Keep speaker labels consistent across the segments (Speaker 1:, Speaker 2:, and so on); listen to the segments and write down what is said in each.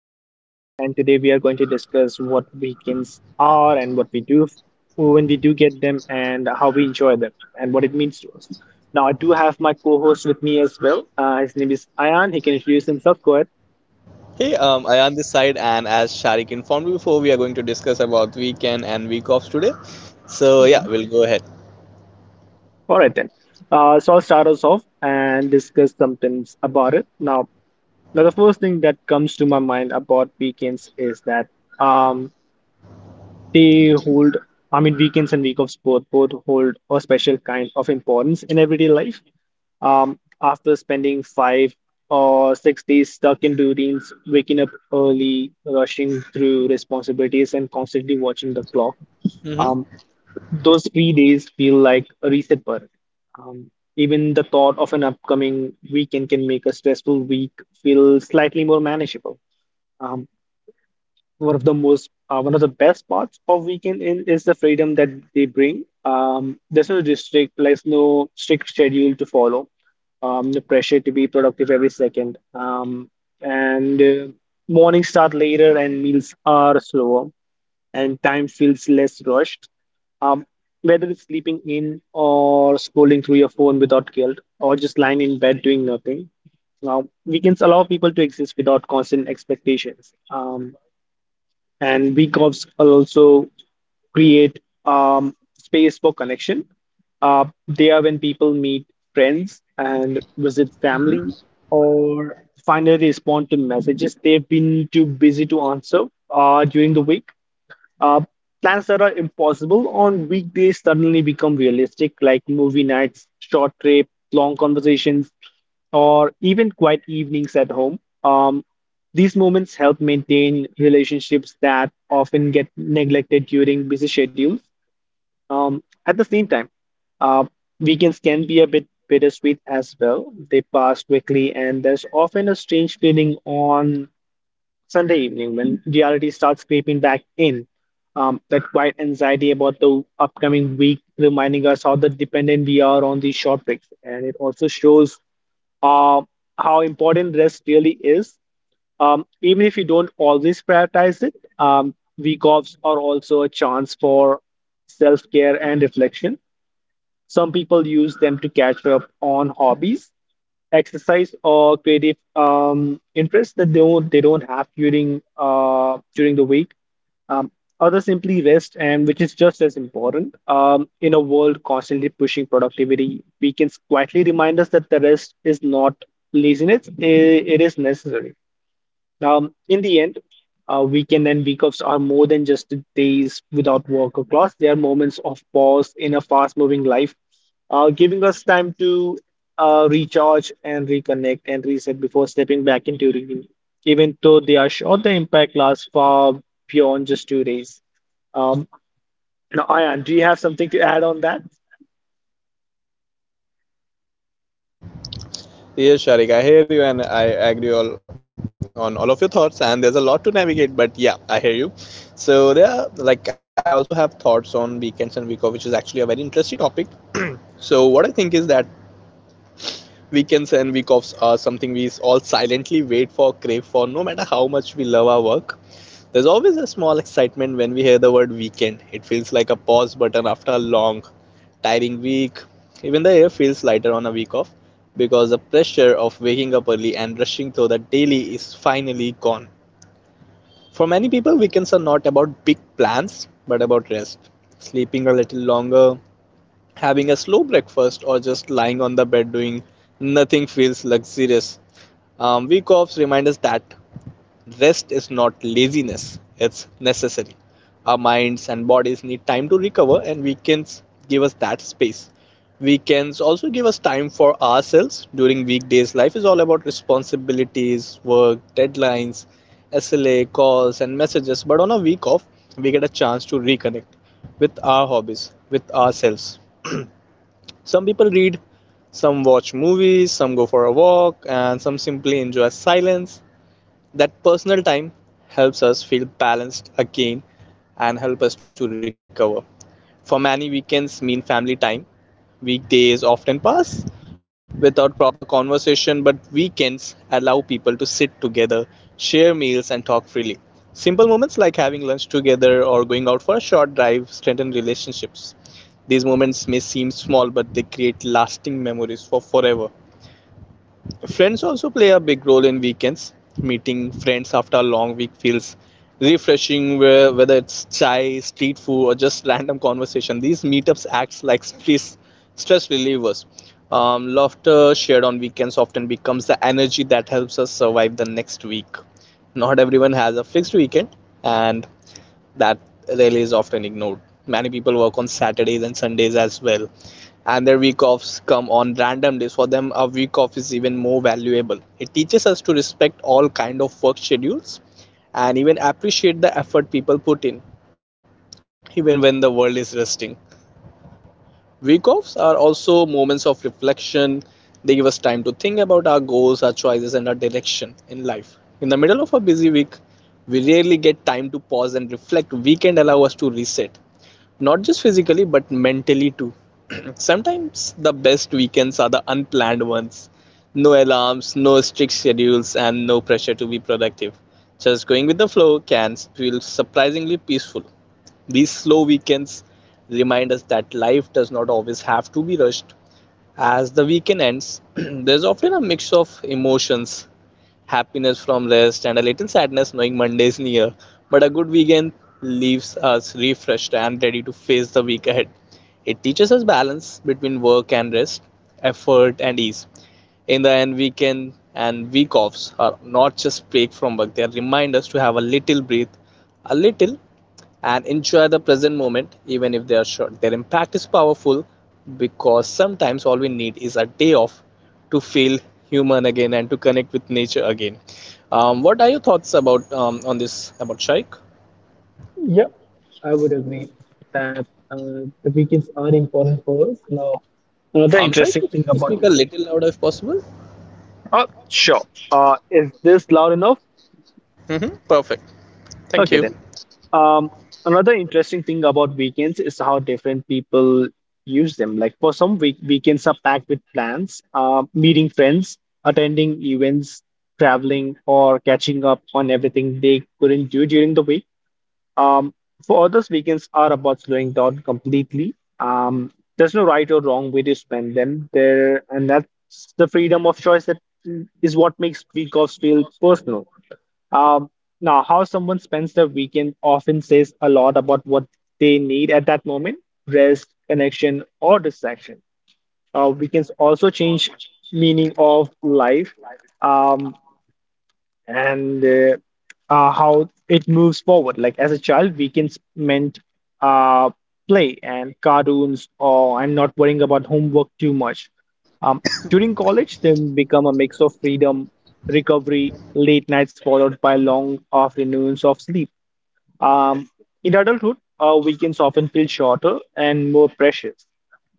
Speaker 1: I'm Sharik, and today we are going to discuss what weekends are and what we do when we do get them and how we enjoy them and what it means to us. Now, I do have my co host with me as well. His name is Ayan. He can introduce himself. Go ahead.
Speaker 2: I on this side, and as Sharik informed you before, we are going to discuss about weekend and week offs today. So
Speaker 1: Yeah.
Speaker 2: yeah, we'll go ahead.
Speaker 1: All right, then. I'll start us off and discuss some things about it. Now, the first thing that comes to my mind about weekends is that. Um, They hold, I mean, Weekends and week offs both hold a special kind of importance in everyday life. After spending five or six days stuck in routines, waking up early, rushing through responsibilities, and constantly watching the clock,
Speaker 2: Hmm.
Speaker 1: um, those three days feel like a reset button. Um, Even the thought of an upcoming weekend can make a stressful week feel slightly more manageable. Um, one of the best parts of weekend in is the freedom that they bring. There's no strict schedule to follow. No pressure to be productive every second. And Mornings start later and meals are slower and time feels less rushed. Um, Whether it's sleeping in or scrolling through your phone without guilt or just lying in bed doing nothing. Now, weekends allow people to exist without constant expectations. And B Corps also create space for connection. They are when people meet friends and visit
Speaker 2: Hmm.
Speaker 1: family or finally respond to messages they've been too busy to answer during the week. Uh, Plans that are impossible on weekdays suddenly become realistic, like movie nights, short trip, long conversations, or even quiet evenings at home. These moments help maintain relationships that often get neglected during busy schedules. At the same time, uh, weekends can be a bit bittersweet as well. They pass quickly, and there's often a strange feeling on Sunday evening, when reality starts creeping back in, that quiet anxiety about the upcoming week reminding us how the dependent we are on these short breaks, and it also shows uh, how important rest really is. Even if you don't always prioritize it, week offs are also a chance for self-care and reflection. Some people use them to catch up on hobbies, exercise, or creative interests that they don't have during the week. Um, Others simply rest, and which is just as important. In a world constantly pushing productivity, weekends quietly remind us that the rest is not laziness; it is necessary. Um, in the end, weekend and week offs are more than just days without work or class. They are moments of pause in a fast-moving life, giving us time to recharge and reconnect and reset before stepping back into routine. Even though they are short, the impact lasts far beyond just two days. Um, Now, Ayan, do you have something to add on that?
Speaker 2: Yes, Sharik, I hear you, and I agree all on all of your thoughts. And there's a lot to navigate, but yeah, I hear you. So like I also have thoughts on weekends and week off, which is actually a very interesting topic. So what I think is that weekends and week offs are something we all silently wait for, crave for, no matter how much we love our work. There's always a small excitement when we hear the word weekend. It feels like a pause button after a long, tiring week. Even the air feels lighter on a week off because the pressure of waking up early and rushing through the daily is finally gone. For many people, weekends are not about big plans but about rest. Sleeping a little longer, having a slow breakfast, or just lying on the bed doing nothing feels luxurious. Week offs remind us that rest is not laziness, it's necessary. Our minds and bodies need time to recover, and weekends give us that space. Weekends also give us time for ourselves. During weekdays, life is all about responsibilities, work, deadlines, SLA, calls, and messages. But on a week off, we get a chance to reconnect with our hobbies, with ourselves. Some people read, some watch movies, some go for a walk, and some simply enjoy silence. That personal time helps us feel balanced again and help us to recover. For many, weekends mean family time. Weekdays often pass without proper conversation, but weekends allow people to sit together, share meals and talk freely. Simple moments like having lunch together or going out for a short drive strengthen relationships. These moments may seem small, but they create lasting memories for forever. Friends also play a big role in weekends. Meeting friends after a long week feels refreshing, whether it's chai, street food, or just random conversation. These meetups acts like stress relievers. Laughter shared on weekends often becomes the energy that helps us survive the next week. Not everyone has a fixed weekend, and that really is often ignored. Many people work on Saturdays and Sundays as well, and their week offs come on random days. For them, a week off is even more valuable. It teaches us to respect all kind of work schedules and even appreciate the effort people put in even when the world is resting. Week offs are also moments of reflection. They give us time to think about our goals, our choices, and our direction in life. In the middle of a busy week, we rarely get time to pause and reflect. Weekend allow us to reset, not just physically, but mentally too. Sometimes the best weekends are the unplanned ones. No alarms, no strict schedules, and no pressure to be productive. Just going with the flow can feel surprisingly peaceful. These slow weekends remind us that life does not always have to be rushed. As the weekend ends, there's often a mix of emotions, happiness from rest, and a little sadness knowing Monday is near. But a good weekend leaves us refreshed and ready to face the week ahead. It teaches us balance between work and rest, effort and ease. In the end, weekend and week offs are not just break from work, they remind us to have a little breath, a little, and enjoy the present moment even if they are short. Their impact is powerful because sometimes all we need is a day off to feel human again and to connect with nature again. What are your thoughts about on this about Shaikh?
Speaker 1: Yep, I would agree that the weekends are important for us. Now, another
Speaker 2: Shaikh,
Speaker 1: interesting
Speaker 2: could you
Speaker 1: thing
Speaker 2: please
Speaker 1: about
Speaker 2: speak a
Speaker 1: it.
Speaker 2: little louder if possible?
Speaker 1: Sure. Is this loud enough?
Speaker 2: Hmm. Perfect. Thank
Speaker 1: Okay
Speaker 2: you.
Speaker 1: then. Um, Another interesting thing about weekends is how different people use them. Like for some, weekends are packed with plans, meeting friends, attending events, traveling, or catching up on everything they couldn't do during the week. Um, for others, weekends are about slowing down completely. There's no right or wrong way to spend them there, and that's the freedom of choice that is what makes week offs feel personal. Um, Now, how someone spends their weekend often says a lot about what they need at that moment, rest, connection, or distraction. Weekends also change meaning of life. Um, and How it moves forward. Like as a child, weekends meant uh, play and cartoons, or and not worrying about homework too much. Um, During college, they become a mix of freedom, recovery, late nights followed by long afternoons of sleep. Um, weekends often feel shorter and more precious.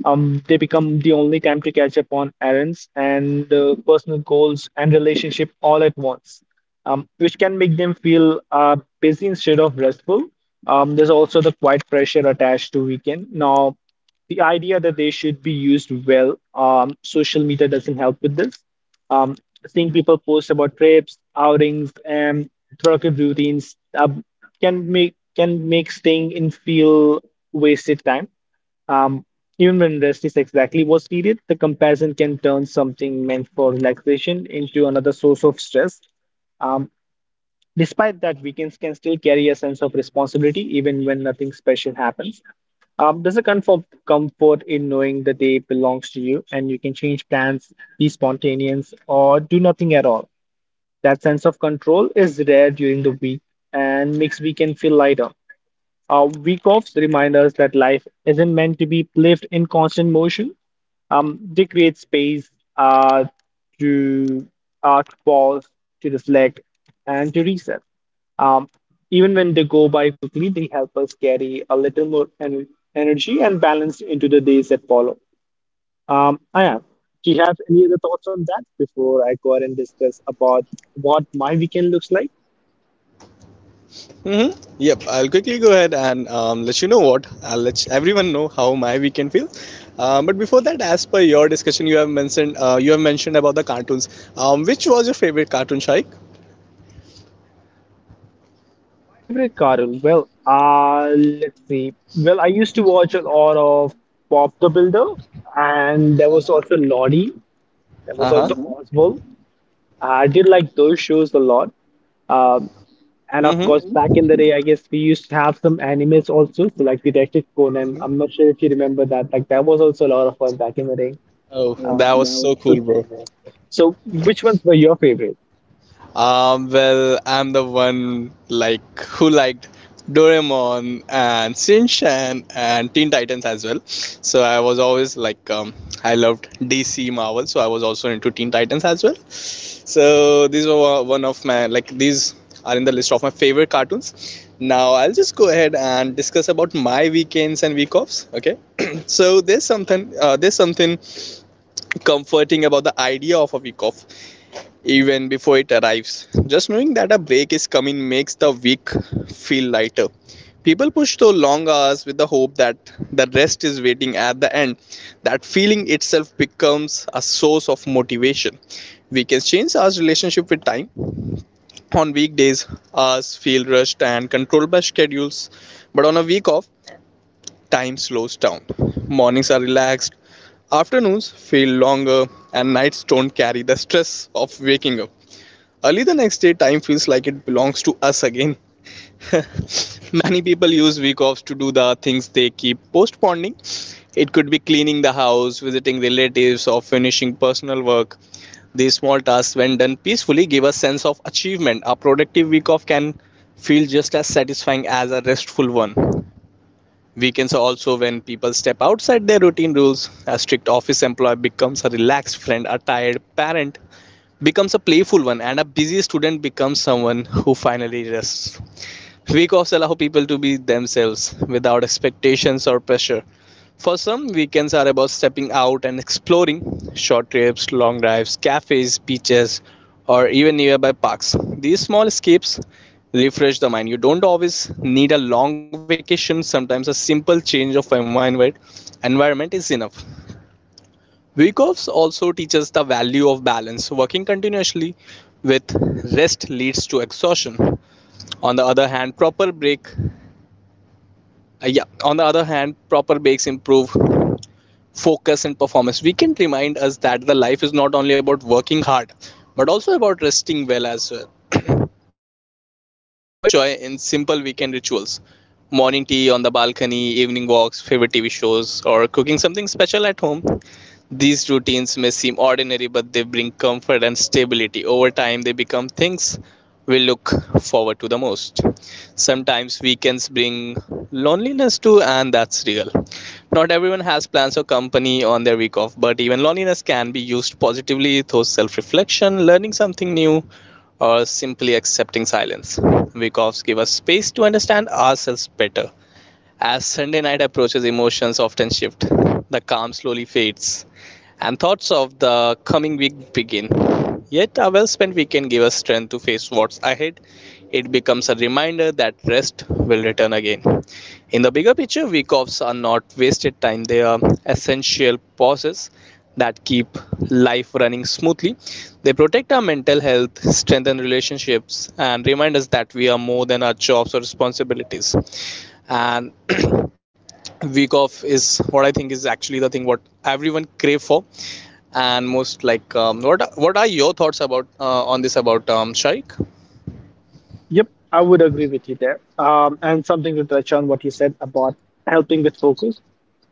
Speaker 1: They become the only time to catch up on errands and personal goals and relationship all at once, which can make them feel busy instead of restful. There's also the quiet pressure attached to weekend. Now, the idea that they should be used well, social media doesn't help with this. Um, Seeing people post about trips, outings, and productive routines, can make staying in feel wasted time. Um, Even when rest is exactly what's needed, the comparison can turn something meant for relaxation into another source of stress. Um, Despite that, weekends can still carry a sense of responsibility even when nothing special happens. Comfort in knowing the day belongs to you and you can change plans, be spontaneous, or do nothing at all. That sense of control is rare during the week and makes weekend feel lighter. Week offs remind us that life isn't meant to be lived in constant motion. They create space uh, to to pause, to reflect, and to reset. Um, Even when they go by quickly, they help us carry a little more en energy and balance into the days that follow. Aya, do you have any other thoughts on that before I go ahead and discuss about what my weekend looks like?
Speaker 2: Hmm. Yep, I'll quickly go ahead and let you know what. I'll let everyone know how my weekend feels. But before that, as per your discussion, you have mentioned about the cartoons. Which was your favorite cartoon, Shaikh?
Speaker 1: My favorite cartoon, well, let's see. Well, I used to watch a lot of Bob the Builder, and there
Speaker 2: Uh
Speaker 1: was
Speaker 2: huh.
Speaker 1: also Lottie. There
Speaker 2: Uh
Speaker 1: was
Speaker 2: huh.
Speaker 1: also Mm-hmm. Oswald. I did like those shows a lot. Um, and of course, Mm-hmm. back
Speaker 2: Mm-hmm.
Speaker 1: in the day, I guess we used to have some animes also, so like Detective Conan. I'm not sure if you remember that. Like that was also a lot of fun back in the day.
Speaker 2: Oh, that was
Speaker 1: Um,
Speaker 2: so cool,
Speaker 1: so,
Speaker 2: bro.
Speaker 1: so which ones were your favorite?
Speaker 2: Well, I'm the one like who liked Doraemon and Shinchan and Teen Titans as well. So I was always like I loved DC Marvel, so I was also into Teen Titans as well. So these were one of my like these are in the list of my favorite cartoons. Now I'll just go ahead and discuss about my weekends and week offs. Okay. So there's something comforting about the idea of a week off even before it arrives. Just knowing that a break is coming makes the week feel lighter. People push through long hours with the hope that the rest is waiting at the end. That feeling itself becomes a source of motivation. We can change our relationship with time. On weekdays, hours feel rushed and controlled by schedules, but on a week off, time slows down. Mornings are relaxed, afternoons feel longer, and nights don't carry the stress of waking up early the next day. Time feels like it belongs to us again. Many people use week offs to do the things they keep postponing. It could be cleaning the house, visiting relatives, or finishing personal work. These small tasks, when done peacefully, give a sense of achievement. A productive week off can feel just as satisfying as a restful one. Weekends are also when people step outside their routine rules. A strict office employee becomes a relaxed friend, a tired parent becomes a playful one, and a busy student becomes someone who finally rests. Week-offs allow people to be themselves without expectations or pressure. For some, weekends are about stepping out and exploring short trips, long drives, cafes, beaches, or even nearby parks. These small escapes refresh the mind. You don't always need a long vacation, sometimes a simple change of environment is enough. Weekoffs also teaches the value of balance. Working continuously with rest leads to exhaustion. On the other hand, on the other hand, proper breaks improve focus and performance. We can remind us that the life is not only about working hard, but also about resting well as well. There's a quiet joy in simple weekend rituals, morning tea on the balcony, evening walks, favorite TV shows, or cooking something special at home. These routines may seem ordinary, but they bring comfort and stability. Over time, they become things we look forward to the most. Sometimes weekends bring loneliness too, and that's real. Not everyone has plans or company on their week off, but even loneliness can be used positively through self reflection, learning something new, or simply accepting silence. Weekoffs give us space to understand ourselves better. As Sunday night approaches, emotions often shift. The calm slowly fades and thoughts of the coming week begin. Yet, a well spent weekend gave us strength to face what's ahead. It becomes a reminder that rest will return again. In the bigger picture, week offs are not wasted time, they are essential pauses that keep life running smoothly. They protect our mental health, strengthen relationships, and remind us that we are more than our jobs or responsibilities. And week off is what I think is actually the thing what everyone crave for and most like what are your thoughts about on this about Shaikh?
Speaker 1: Yep, I would agree with you there. And something to touch on what you said about helping with focus.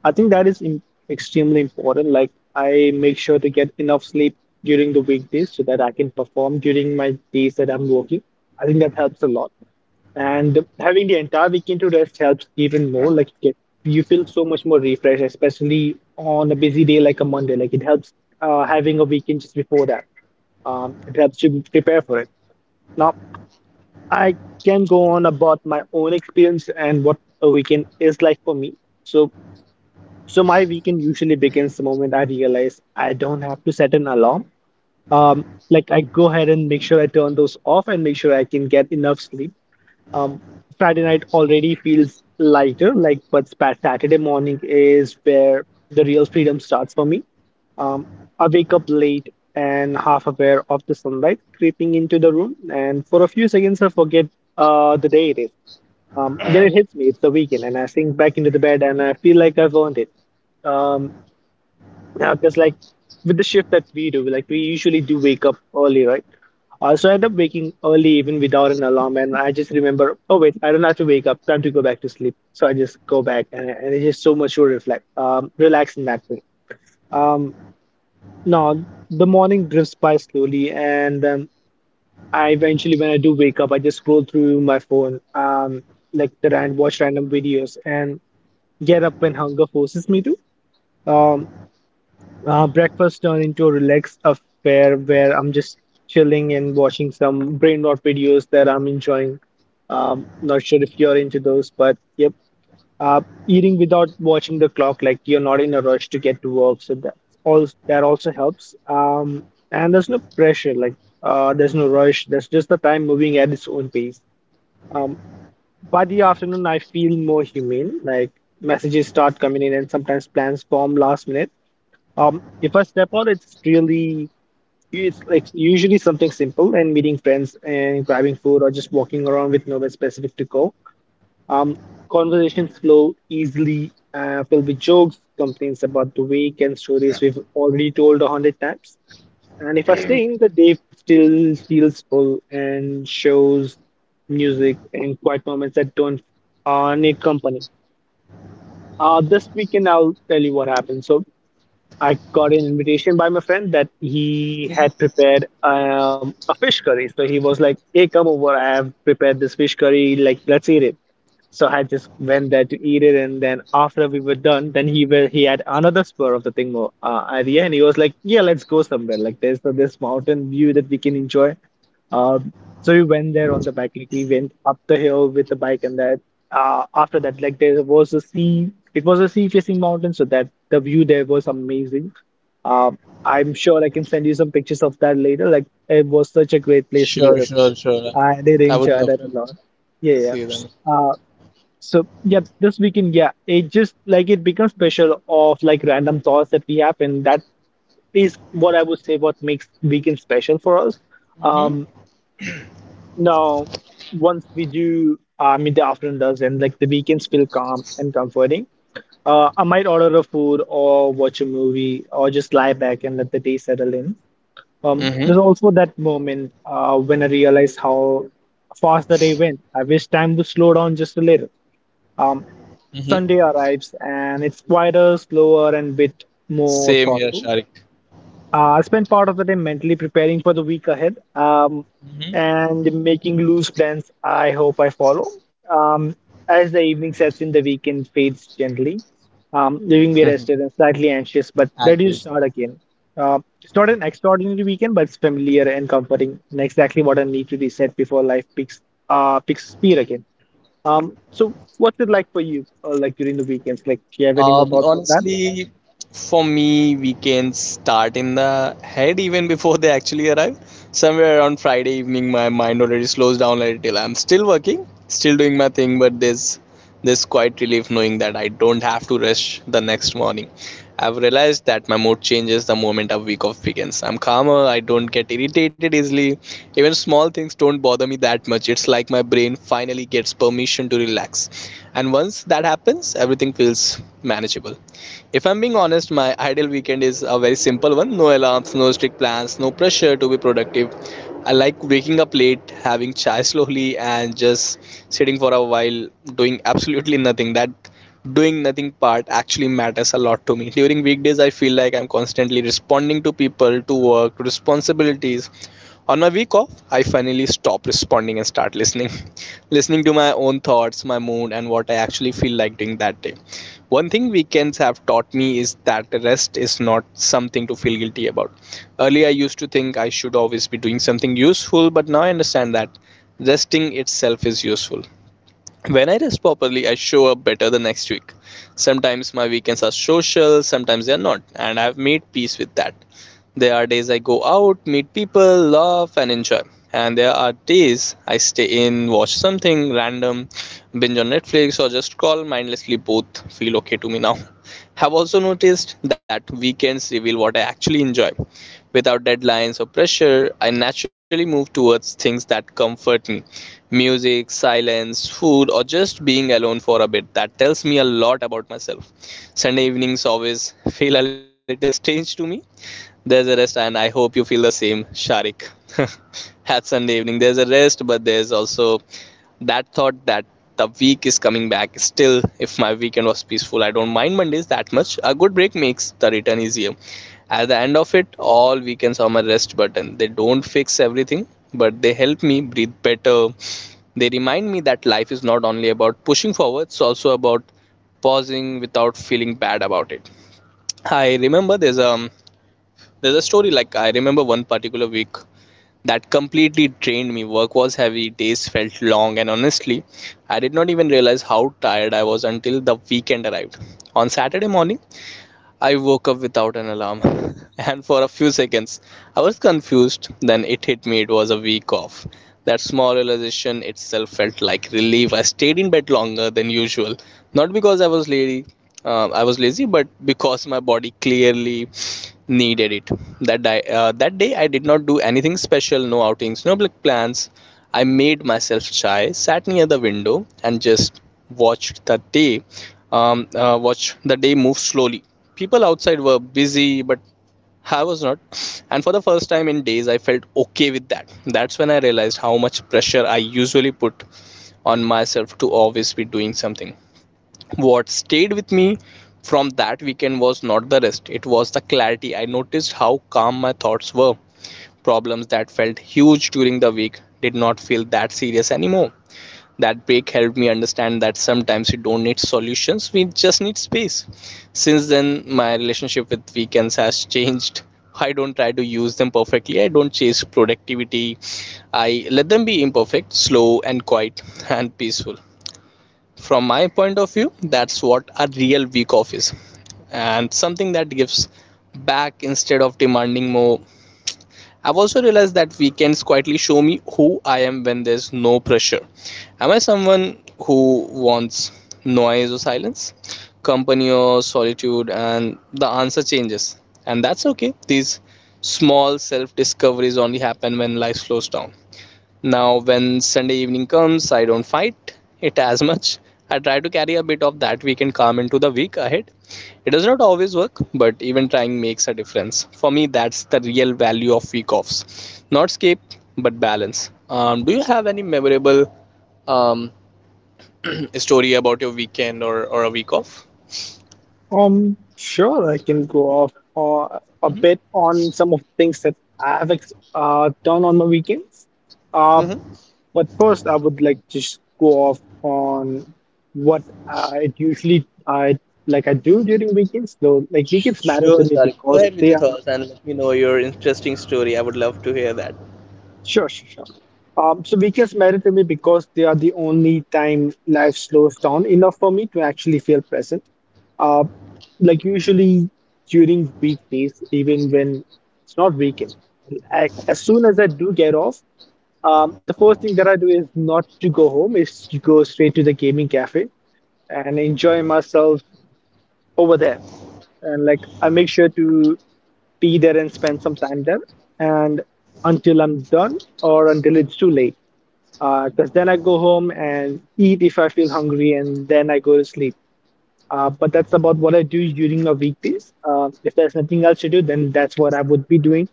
Speaker 1: I think that is im extremely important. Like, I make sure to get enough sleep during the weekdays so that I can perform during my days that I'm working. I think that helps a lot. And having the entire weekend to rest helps even more. You feel so much more refreshed, especially on a busy day like a Monday. Like, it helps having a weekend just before that. It helps you prepare for it. Now, I can go on about my own experience and what a weekend is like for me. So, so, my weekend usually begins the moment I realize I don't have to set an alarm. Like I go ahead and make sure I turn those off and make sure I can get enough sleep. Um, Friday night already feels lighter, but Saturday morning is where the real freedom starts for me. Um, I wake up late and half aware of the sunlight creeping into the room, and for a few seconds I forget the day it is. Then it hits me, it's the weekend, and I sink back into the bed and I feel like I've earned it. Um, yeah, because like with the shift that we do, like we usually do wake up early, right? So I end up waking early even without an alarm, and I just remember, oh wait, I don't have to wake up, time to go back to sleep. So I just go back, and it's just so much to reflect, relax in that way. Um, no, the morning drifts by slowly, and then I eventually, when I do wake up, I just scroll through my phone, like the and watch random videos, and get up when hunger forces me to. Um, Breakfast turned into a relaxed affair where I'm just chilling and watching some brain rot videos that I'm enjoying. Not sure if you're into those, but yep. Uh, Eating without watching the clock, like you're not in a rush to get to work, so that all that also helps. And there's no pressure, there's no rush. There's just the time moving at its own pace. Um, by the afternoon, I feel more humane. Like messages start coming in, and sometimes plans form last minute. If I step out, it's usually something simple and meeting friends and grabbing food or just walking around with nowhere specific to go. Um, Conversations flow easily, filled with jokes, complaints about the week, and stories we've already told 100 times. And if I stay in, the day still feels full and shows music and quiet moments that don't need company. This weekend, I'll tell you what happened. So. I got an invitation by my friend that he had prepared a fish curry. So he was like, "Hey, come over. I have prepared this fish curry. Like, let's eat it." So I just went there to eat it, and then after we were done, then he had another spur of the thing more idea, and he was like, "Yeah, let's go somewhere. Like, there's this mountain view that we can enjoy." Uh, so we went there on the bike, like we went up the hill with the bike, and that after that, like there was a sea. It was a sea-facing mountain, so that the view there was amazing. Uh, I'm sure I can send you some pictures of that later. Like it was such a great place to
Speaker 2: Sure,
Speaker 1: visit.
Speaker 2: sure, sure.
Speaker 1: I did
Speaker 2: I would
Speaker 1: enjoy
Speaker 2: love
Speaker 1: that a
Speaker 2: to
Speaker 1: lot. Yeah, yeah.
Speaker 2: see them.
Speaker 1: Uh, so yeah, this weekend, yeah, it just like it becomes special of like random thoughts that we have, and that is what I would say what makes weekend special for us.
Speaker 2: Mm-hmm.
Speaker 1: Um, no, once we do midday afternoon does and like the weekends feel calm and comforting. I might order a food or watch a movie or just lie back and let the day settle in. There's
Speaker 2: Mm-hmm.
Speaker 1: also that moment when I realize how fast the day went. I wish time would slow down just a little. Um,
Speaker 2: Mm-hmm.
Speaker 1: Sunday arrives and it's quieter, slower, and bit more
Speaker 2: Same here,
Speaker 1: thoughtful.
Speaker 2: Sharik.
Speaker 1: I spent part of the day mentally preparing for the week ahead,
Speaker 2: Mm-hmm.
Speaker 1: and making loose plans I hope I follow. Um, as the evening sets in, the weekend fades gently, leaving me rested and slightly anxious, but ready
Speaker 2: Agreed.
Speaker 1: to start again. It's not an extraordinary weekend, but it's familiar and comforting, and exactly what I need to reset before life picks speed again. So what's it like for you, like during the weekends? Like, do you have any more thoughts on that?
Speaker 2: Honestly, for me, weekends start in the head even before they actually arrive. Somewhere around Friday evening, my mind already slows down a little. I'm still working, still doing my thing, but there's this quiet relief knowing that I don't have to rush the next morning. I've realized that my mood changes the moment a week off begins. I'm calmer, I don't get irritated easily. Even small things don't bother me that much. It's like my brain finally gets permission to relax. And once that happens, everything feels manageable. If I'm being honest, my ideal weekend is a very simple one, no alarms, no strict plans, no pressure to be productive. I like waking up late, having chai slowly, and just sitting for a while doing absolutely nothing. That doing nothing part actually matters a lot to me. During weekdays, I feel like I'm constantly responding to people, to work, to responsibilities. On my week off, I finally stop responding and start listening. Listening to my own thoughts, my mood, and what I actually feel like doing that day. One thing weekends have taught me is that rest is not something to feel guilty about. Earlier, I used to think I should always be doing something useful, but now I understand that resting itself is useful. When I rest properly, I show up better the next week. Sometimes my weekends are social, sometimes they are not, and I've made peace with that. There are days I go out, meet people, laugh, and enjoy. And there are days I stay in, watch something random, binge on Netflix, or just scroll mindlessly. Both feel okay to me now. Have also noticed that weekends reveal what I actually enjoy. Without deadlines or pressure, I naturally move towards things that comfort me, music, silence, food, or just being alone for a bit. That tells me a lot about myself. Sunday evenings always feel a little strange to me, there's a rest, and I hope you feel the same, Sharik. Had Sunday evening. There's a rest, but there's also that thought that the week is coming back. Still, if my weekend was peaceful, I don't mind Mondays that much. A good break makes the return easier. At the end of it, all weekends are my rest button. They don't fix everything, but they help me breathe better. They remind me that life is not only about pushing forward, it's also about pausing without feeling bad about it. I remember there's a story like I remember one particular week that completely drained me. Work was heavy, days felt long, and honestly, I did not even realize how tired I was until the weekend arrived. On Saturday morning, I woke up without an alarm, and for a few seconds I was confused. Then it hit me, it was a week off. That small realization itself felt like relief. I stayed in bed longer than usual, not because I was lazy, but because my body clearly needed it. That day I did not do anything special, no outings, no big plans. I made myself chai, sat near the window, and just watched the day watched the day move slowly. People outside were busy, but I was not. And for the first time in days, I felt okay with that. That's when I realized how much pressure I usually put on myself to always be doing something. What stayed with me from that weekend was not the rest, it was the clarity. I noticed how calm my thoughts were. Problems that felt huge during the week did not feel that serious anymore. That break helped me understand that sometimes we don't need solutions, we just need space. Since then, my relationship with weekends has changed. I don't try to use them perfectly, I don't chase productivity. I let them be imperfect, slow, and quiet, and peaceful. From my point of view, that's what a real week off is, and something that gives back instead of demanding more. I've also realized that weekends quietly show me who I am when there's no pressure. Am I someone who wants noise or silence, company or solitude? And the answer changes. And that's okay. These small self discoveries only happen when life slows down. Now, when Sunday evening comes, I don't fight it as much. I try to carry a bit of that weekend calm into the week ahead. It does not always work, but even trying makes a difference. For me, that's the real value of week offs. Not escape, but balance. Do you have any memorable um, story about your weekend or a week off?
Speaker 1: Sure, I can go off a
Speaker 2: Hmm.
Speaker 1: bit on some of the things that I have ex done on my weekends. Uh,
Speaker 2: Hmm.
Speaker 1: but first, I would like to just go off on what I usually I like I do during weekends. Though, like weekends matter to
Speaker 2: Sure,
Speaker 1: me
Speaker 2: sorry. Go
Speaker 1: because
Speaker 2: ahead with
Speaker 1: they
Speaker 2: your
Speaker 1: are.
Speaker 2: thoughts and let me know your interesting story. I would love to hear that.
Speaker 1: Sure, sure, sure. So weekends matter to me because they are the only time life slows down enough for me to actually feel present. Uh, like usually during weekdays, even when it's not weekend, as soon as I do get off, the first thing that I do is not to go home, is to go straight to the gaming cafe and enjoy myself over there. And like I make sure to be there and spend some time there. And until I'm done or until it's too late, because then I go home and eat if I feel hungry, and then I go to sleep. But that's about what I do during the weekdays. If there's nothing else to do, then that's what I would be doing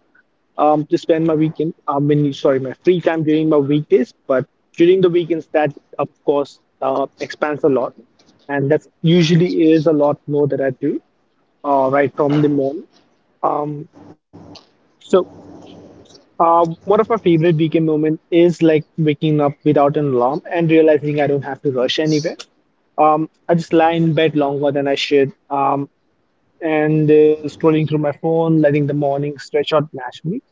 Speaker 1: to spend my weekend. I mean, sorry, my free time during my weekdays. But during the weekends, that of course expands a lot, and that's usually is a lot more that I do right from the morning. Um, so One of my favorite weekend moments is like waking up without an alarm and realizing I don't have to rush anywhere. I just lie in bed longer than I should. And Scrolling through my phone, letting the morning stretch out naturally.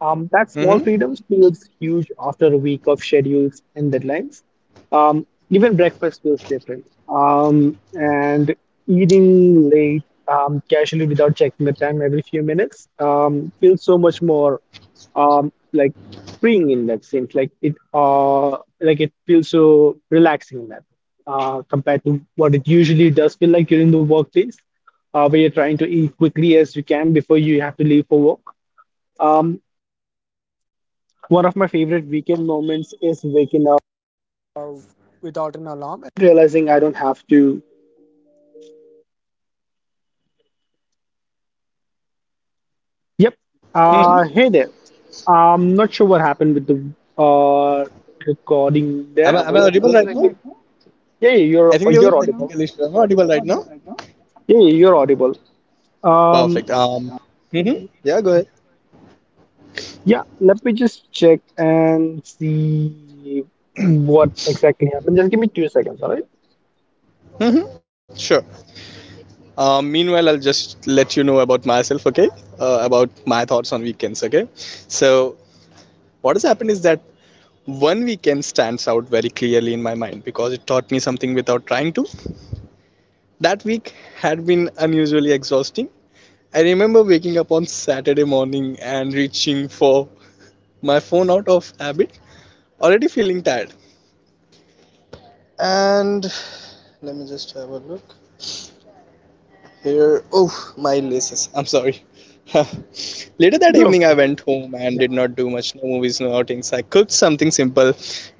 Speaker 1: That
Speaker 2: Mm-hmm.
Speaker 1: small freedom feels huge after a week of schedules and deadlines. Even breakfast feels different. And eating late, casually without checking the time every few minutes, feels so much more like freeing in that sense, like it feels so relaxing in that, compared to what it usually does feel like during the workdays, where you're trying to eat quickly as you can before you have to leave for work. um Yep.
Speaker 2: Mm-hmm.
Speaker 1: Hey there. I'm not sure what happened with the uh, recording
Speaker 2: Am
Speaker 1: there,
Speaker 2: I,
Speaker 1: Am,
Speaker 2: am I audible
Speaker 1: but
Speaker 2: right
Speaker 1: like,
Speaker 2: now?
Speaker 1: yeah, yeah,
Speaker 2: I think there was
Speaker 1: you're
Speaker 2: a
Speaker 1: audible.
Speaker 2: technical issue. Am I audible right now?
Speaker 1: Yeah, yeah, you're audible. Um,
Speaker 2: Perfect. Mhm. Yeah, go ahead.
Speaker 1: yeah, let me just check and see what exactly happened. Just give me two seconds, all right?
Speaker 2: Mm-hmm. Sure. Meanwhile, I'll just let you know about myself, okay? About my thoughts on weekends, okay? So, what has happened is that one weekend stands out very clearly in my mind because it taught me something without trying to. That week had been unusually exhausting. I remember waking up on Saturday morning and reaching for my phone out of habit, already feeling tired. And let me just have a look here. Oh, my laces. I'm sorry. Later that
Speaker 1: No
Speaker 2: evening, I
Speaker 1: worries.
Speaker 2: went home and
Speaker 1: Yeah.
Speaker 2: did not do much, no movies, no outings. I cooked something simple,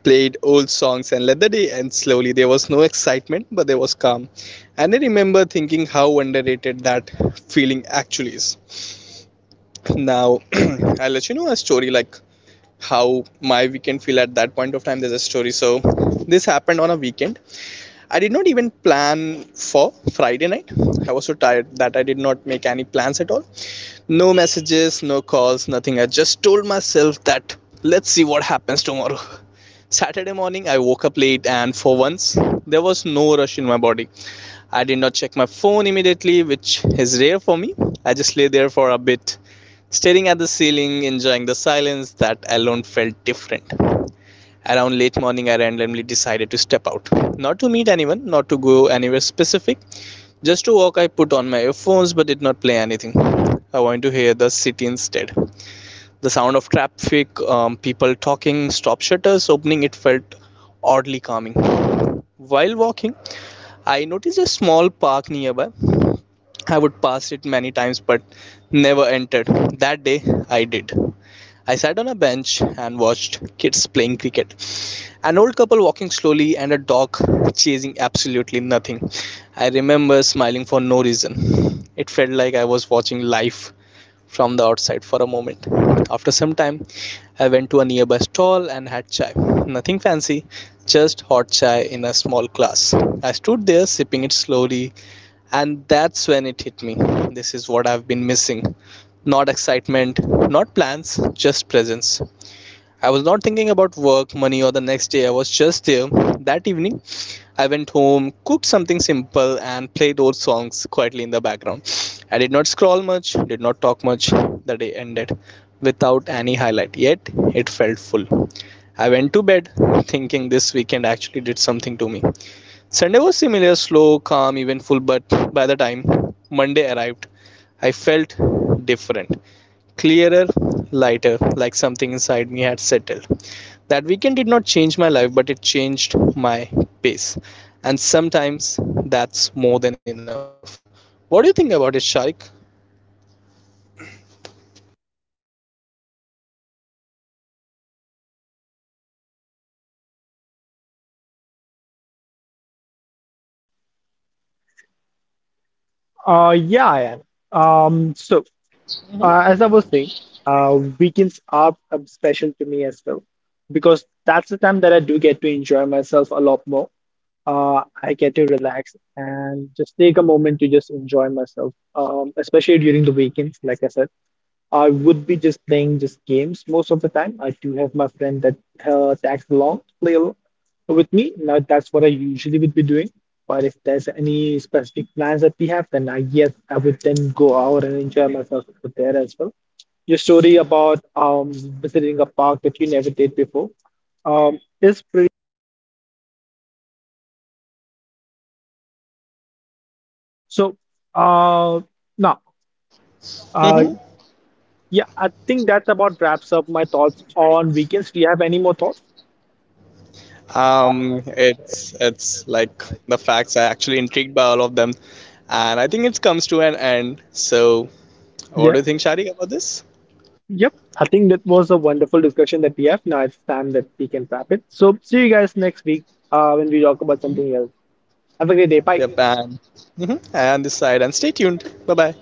Speaker 2: played old songs, and let the day end slowly. There was no excitement, but there was calm. And I remember thinking how underrated that feeling actually is. Now, I'll let you know a story like how my weekend feel at that point of time. There's a story. So, this happened on a weekend. I did not even plan for Friday night. I was so tired that I did not make any plans at all. No messages, no calls, nothing. I just told myself that let's see what happens tomorrow. Saturday morning, I woke up late, and for once, there was no rush in my body. I did not check my phone immediately, which is rare for me. I just lay there for a bit, staring at the ceiling, enjoying the silence. That alone felt different. Around late morning, I randomly decided to step out. Not to meet anyone, not to go anywhere specific, just to walk. I put on my earphones but did not play anything. I wanted to hear the city instead. The sound of traffic, people talking, stop shutters opening, it felt oddly calming. While walking, I noticed a small park nearby. I would pass it many times but never entered. That day I did. I sat on a bench and watched kids playing cricket. An old couple walking slowly and a dog chasing absolutely nothing. I remember smiling for no reason. It felt like I was watching life from the outside for a moment. After some time, I went to a nearby stall and had chai. Nothing fancy, just hot chai in a small glass. I stood there sipping it slowly, and that's when it hit me. This is what I've been missing. Not excitement, not plans, just presence. I was not thinking about work, money, or the next day. I was just there. That evening, I went home, cooked something simple, and played old songs quietly in the background. I did not scroll much, did not talk much. The day ended without any highlight, yet it felt full. I went to bed thinking this weekend actually did something to me. Sunday was similar, slow, calm, eventful, but by the time Monday arrived, I felt different, clearer, lighter, like something inside me had settled. That weekend did not change my life, but it changed my pace. And sometimes that's more than enough. What do you think about it, Sharik?
Speaker 1: Yeah, I am. Um, so,
Speaker 2: Mhm.
Speaker 1: as I was saying, weekends are special to me as well because that's the time that I do get to enjoy myself a lot more. I get to relax and just take a moment to just enjoy myself, especially during the weekends, like I said. I would be just playing just games most of the time. I do have my friend that tags along to play along with me. Now that's what I usually would be doing. But if there's any specific plans that we have, then I would then go out and enjoy myself over there as well. Your story about visiting a park that you never did before is pretty. So uh now
Speaker 2: Hmm.
Speaker 1: Mhm. Yeah, I think that about wraps up my thoughts on weekends. Do you have any more thoughts?
Speaker 2: Um, it's it's like The facts are actually intrigued by all of them, and I think it comes to an end. So, what
Speaker 1: Yeah.
Speaker 2: do you think, Sharik, about this?
Speaker 1: Yep. I think that was a wonderful discussion that we have. Now it's time that we can wrap it. So see you guys next week when we talk about
Speaker 2: Mhm.
Speaker 1: something else. Have a great day. Bye.
Speaker 2: Yep, and, hmm, and this side, and stay tuned. Bye bye.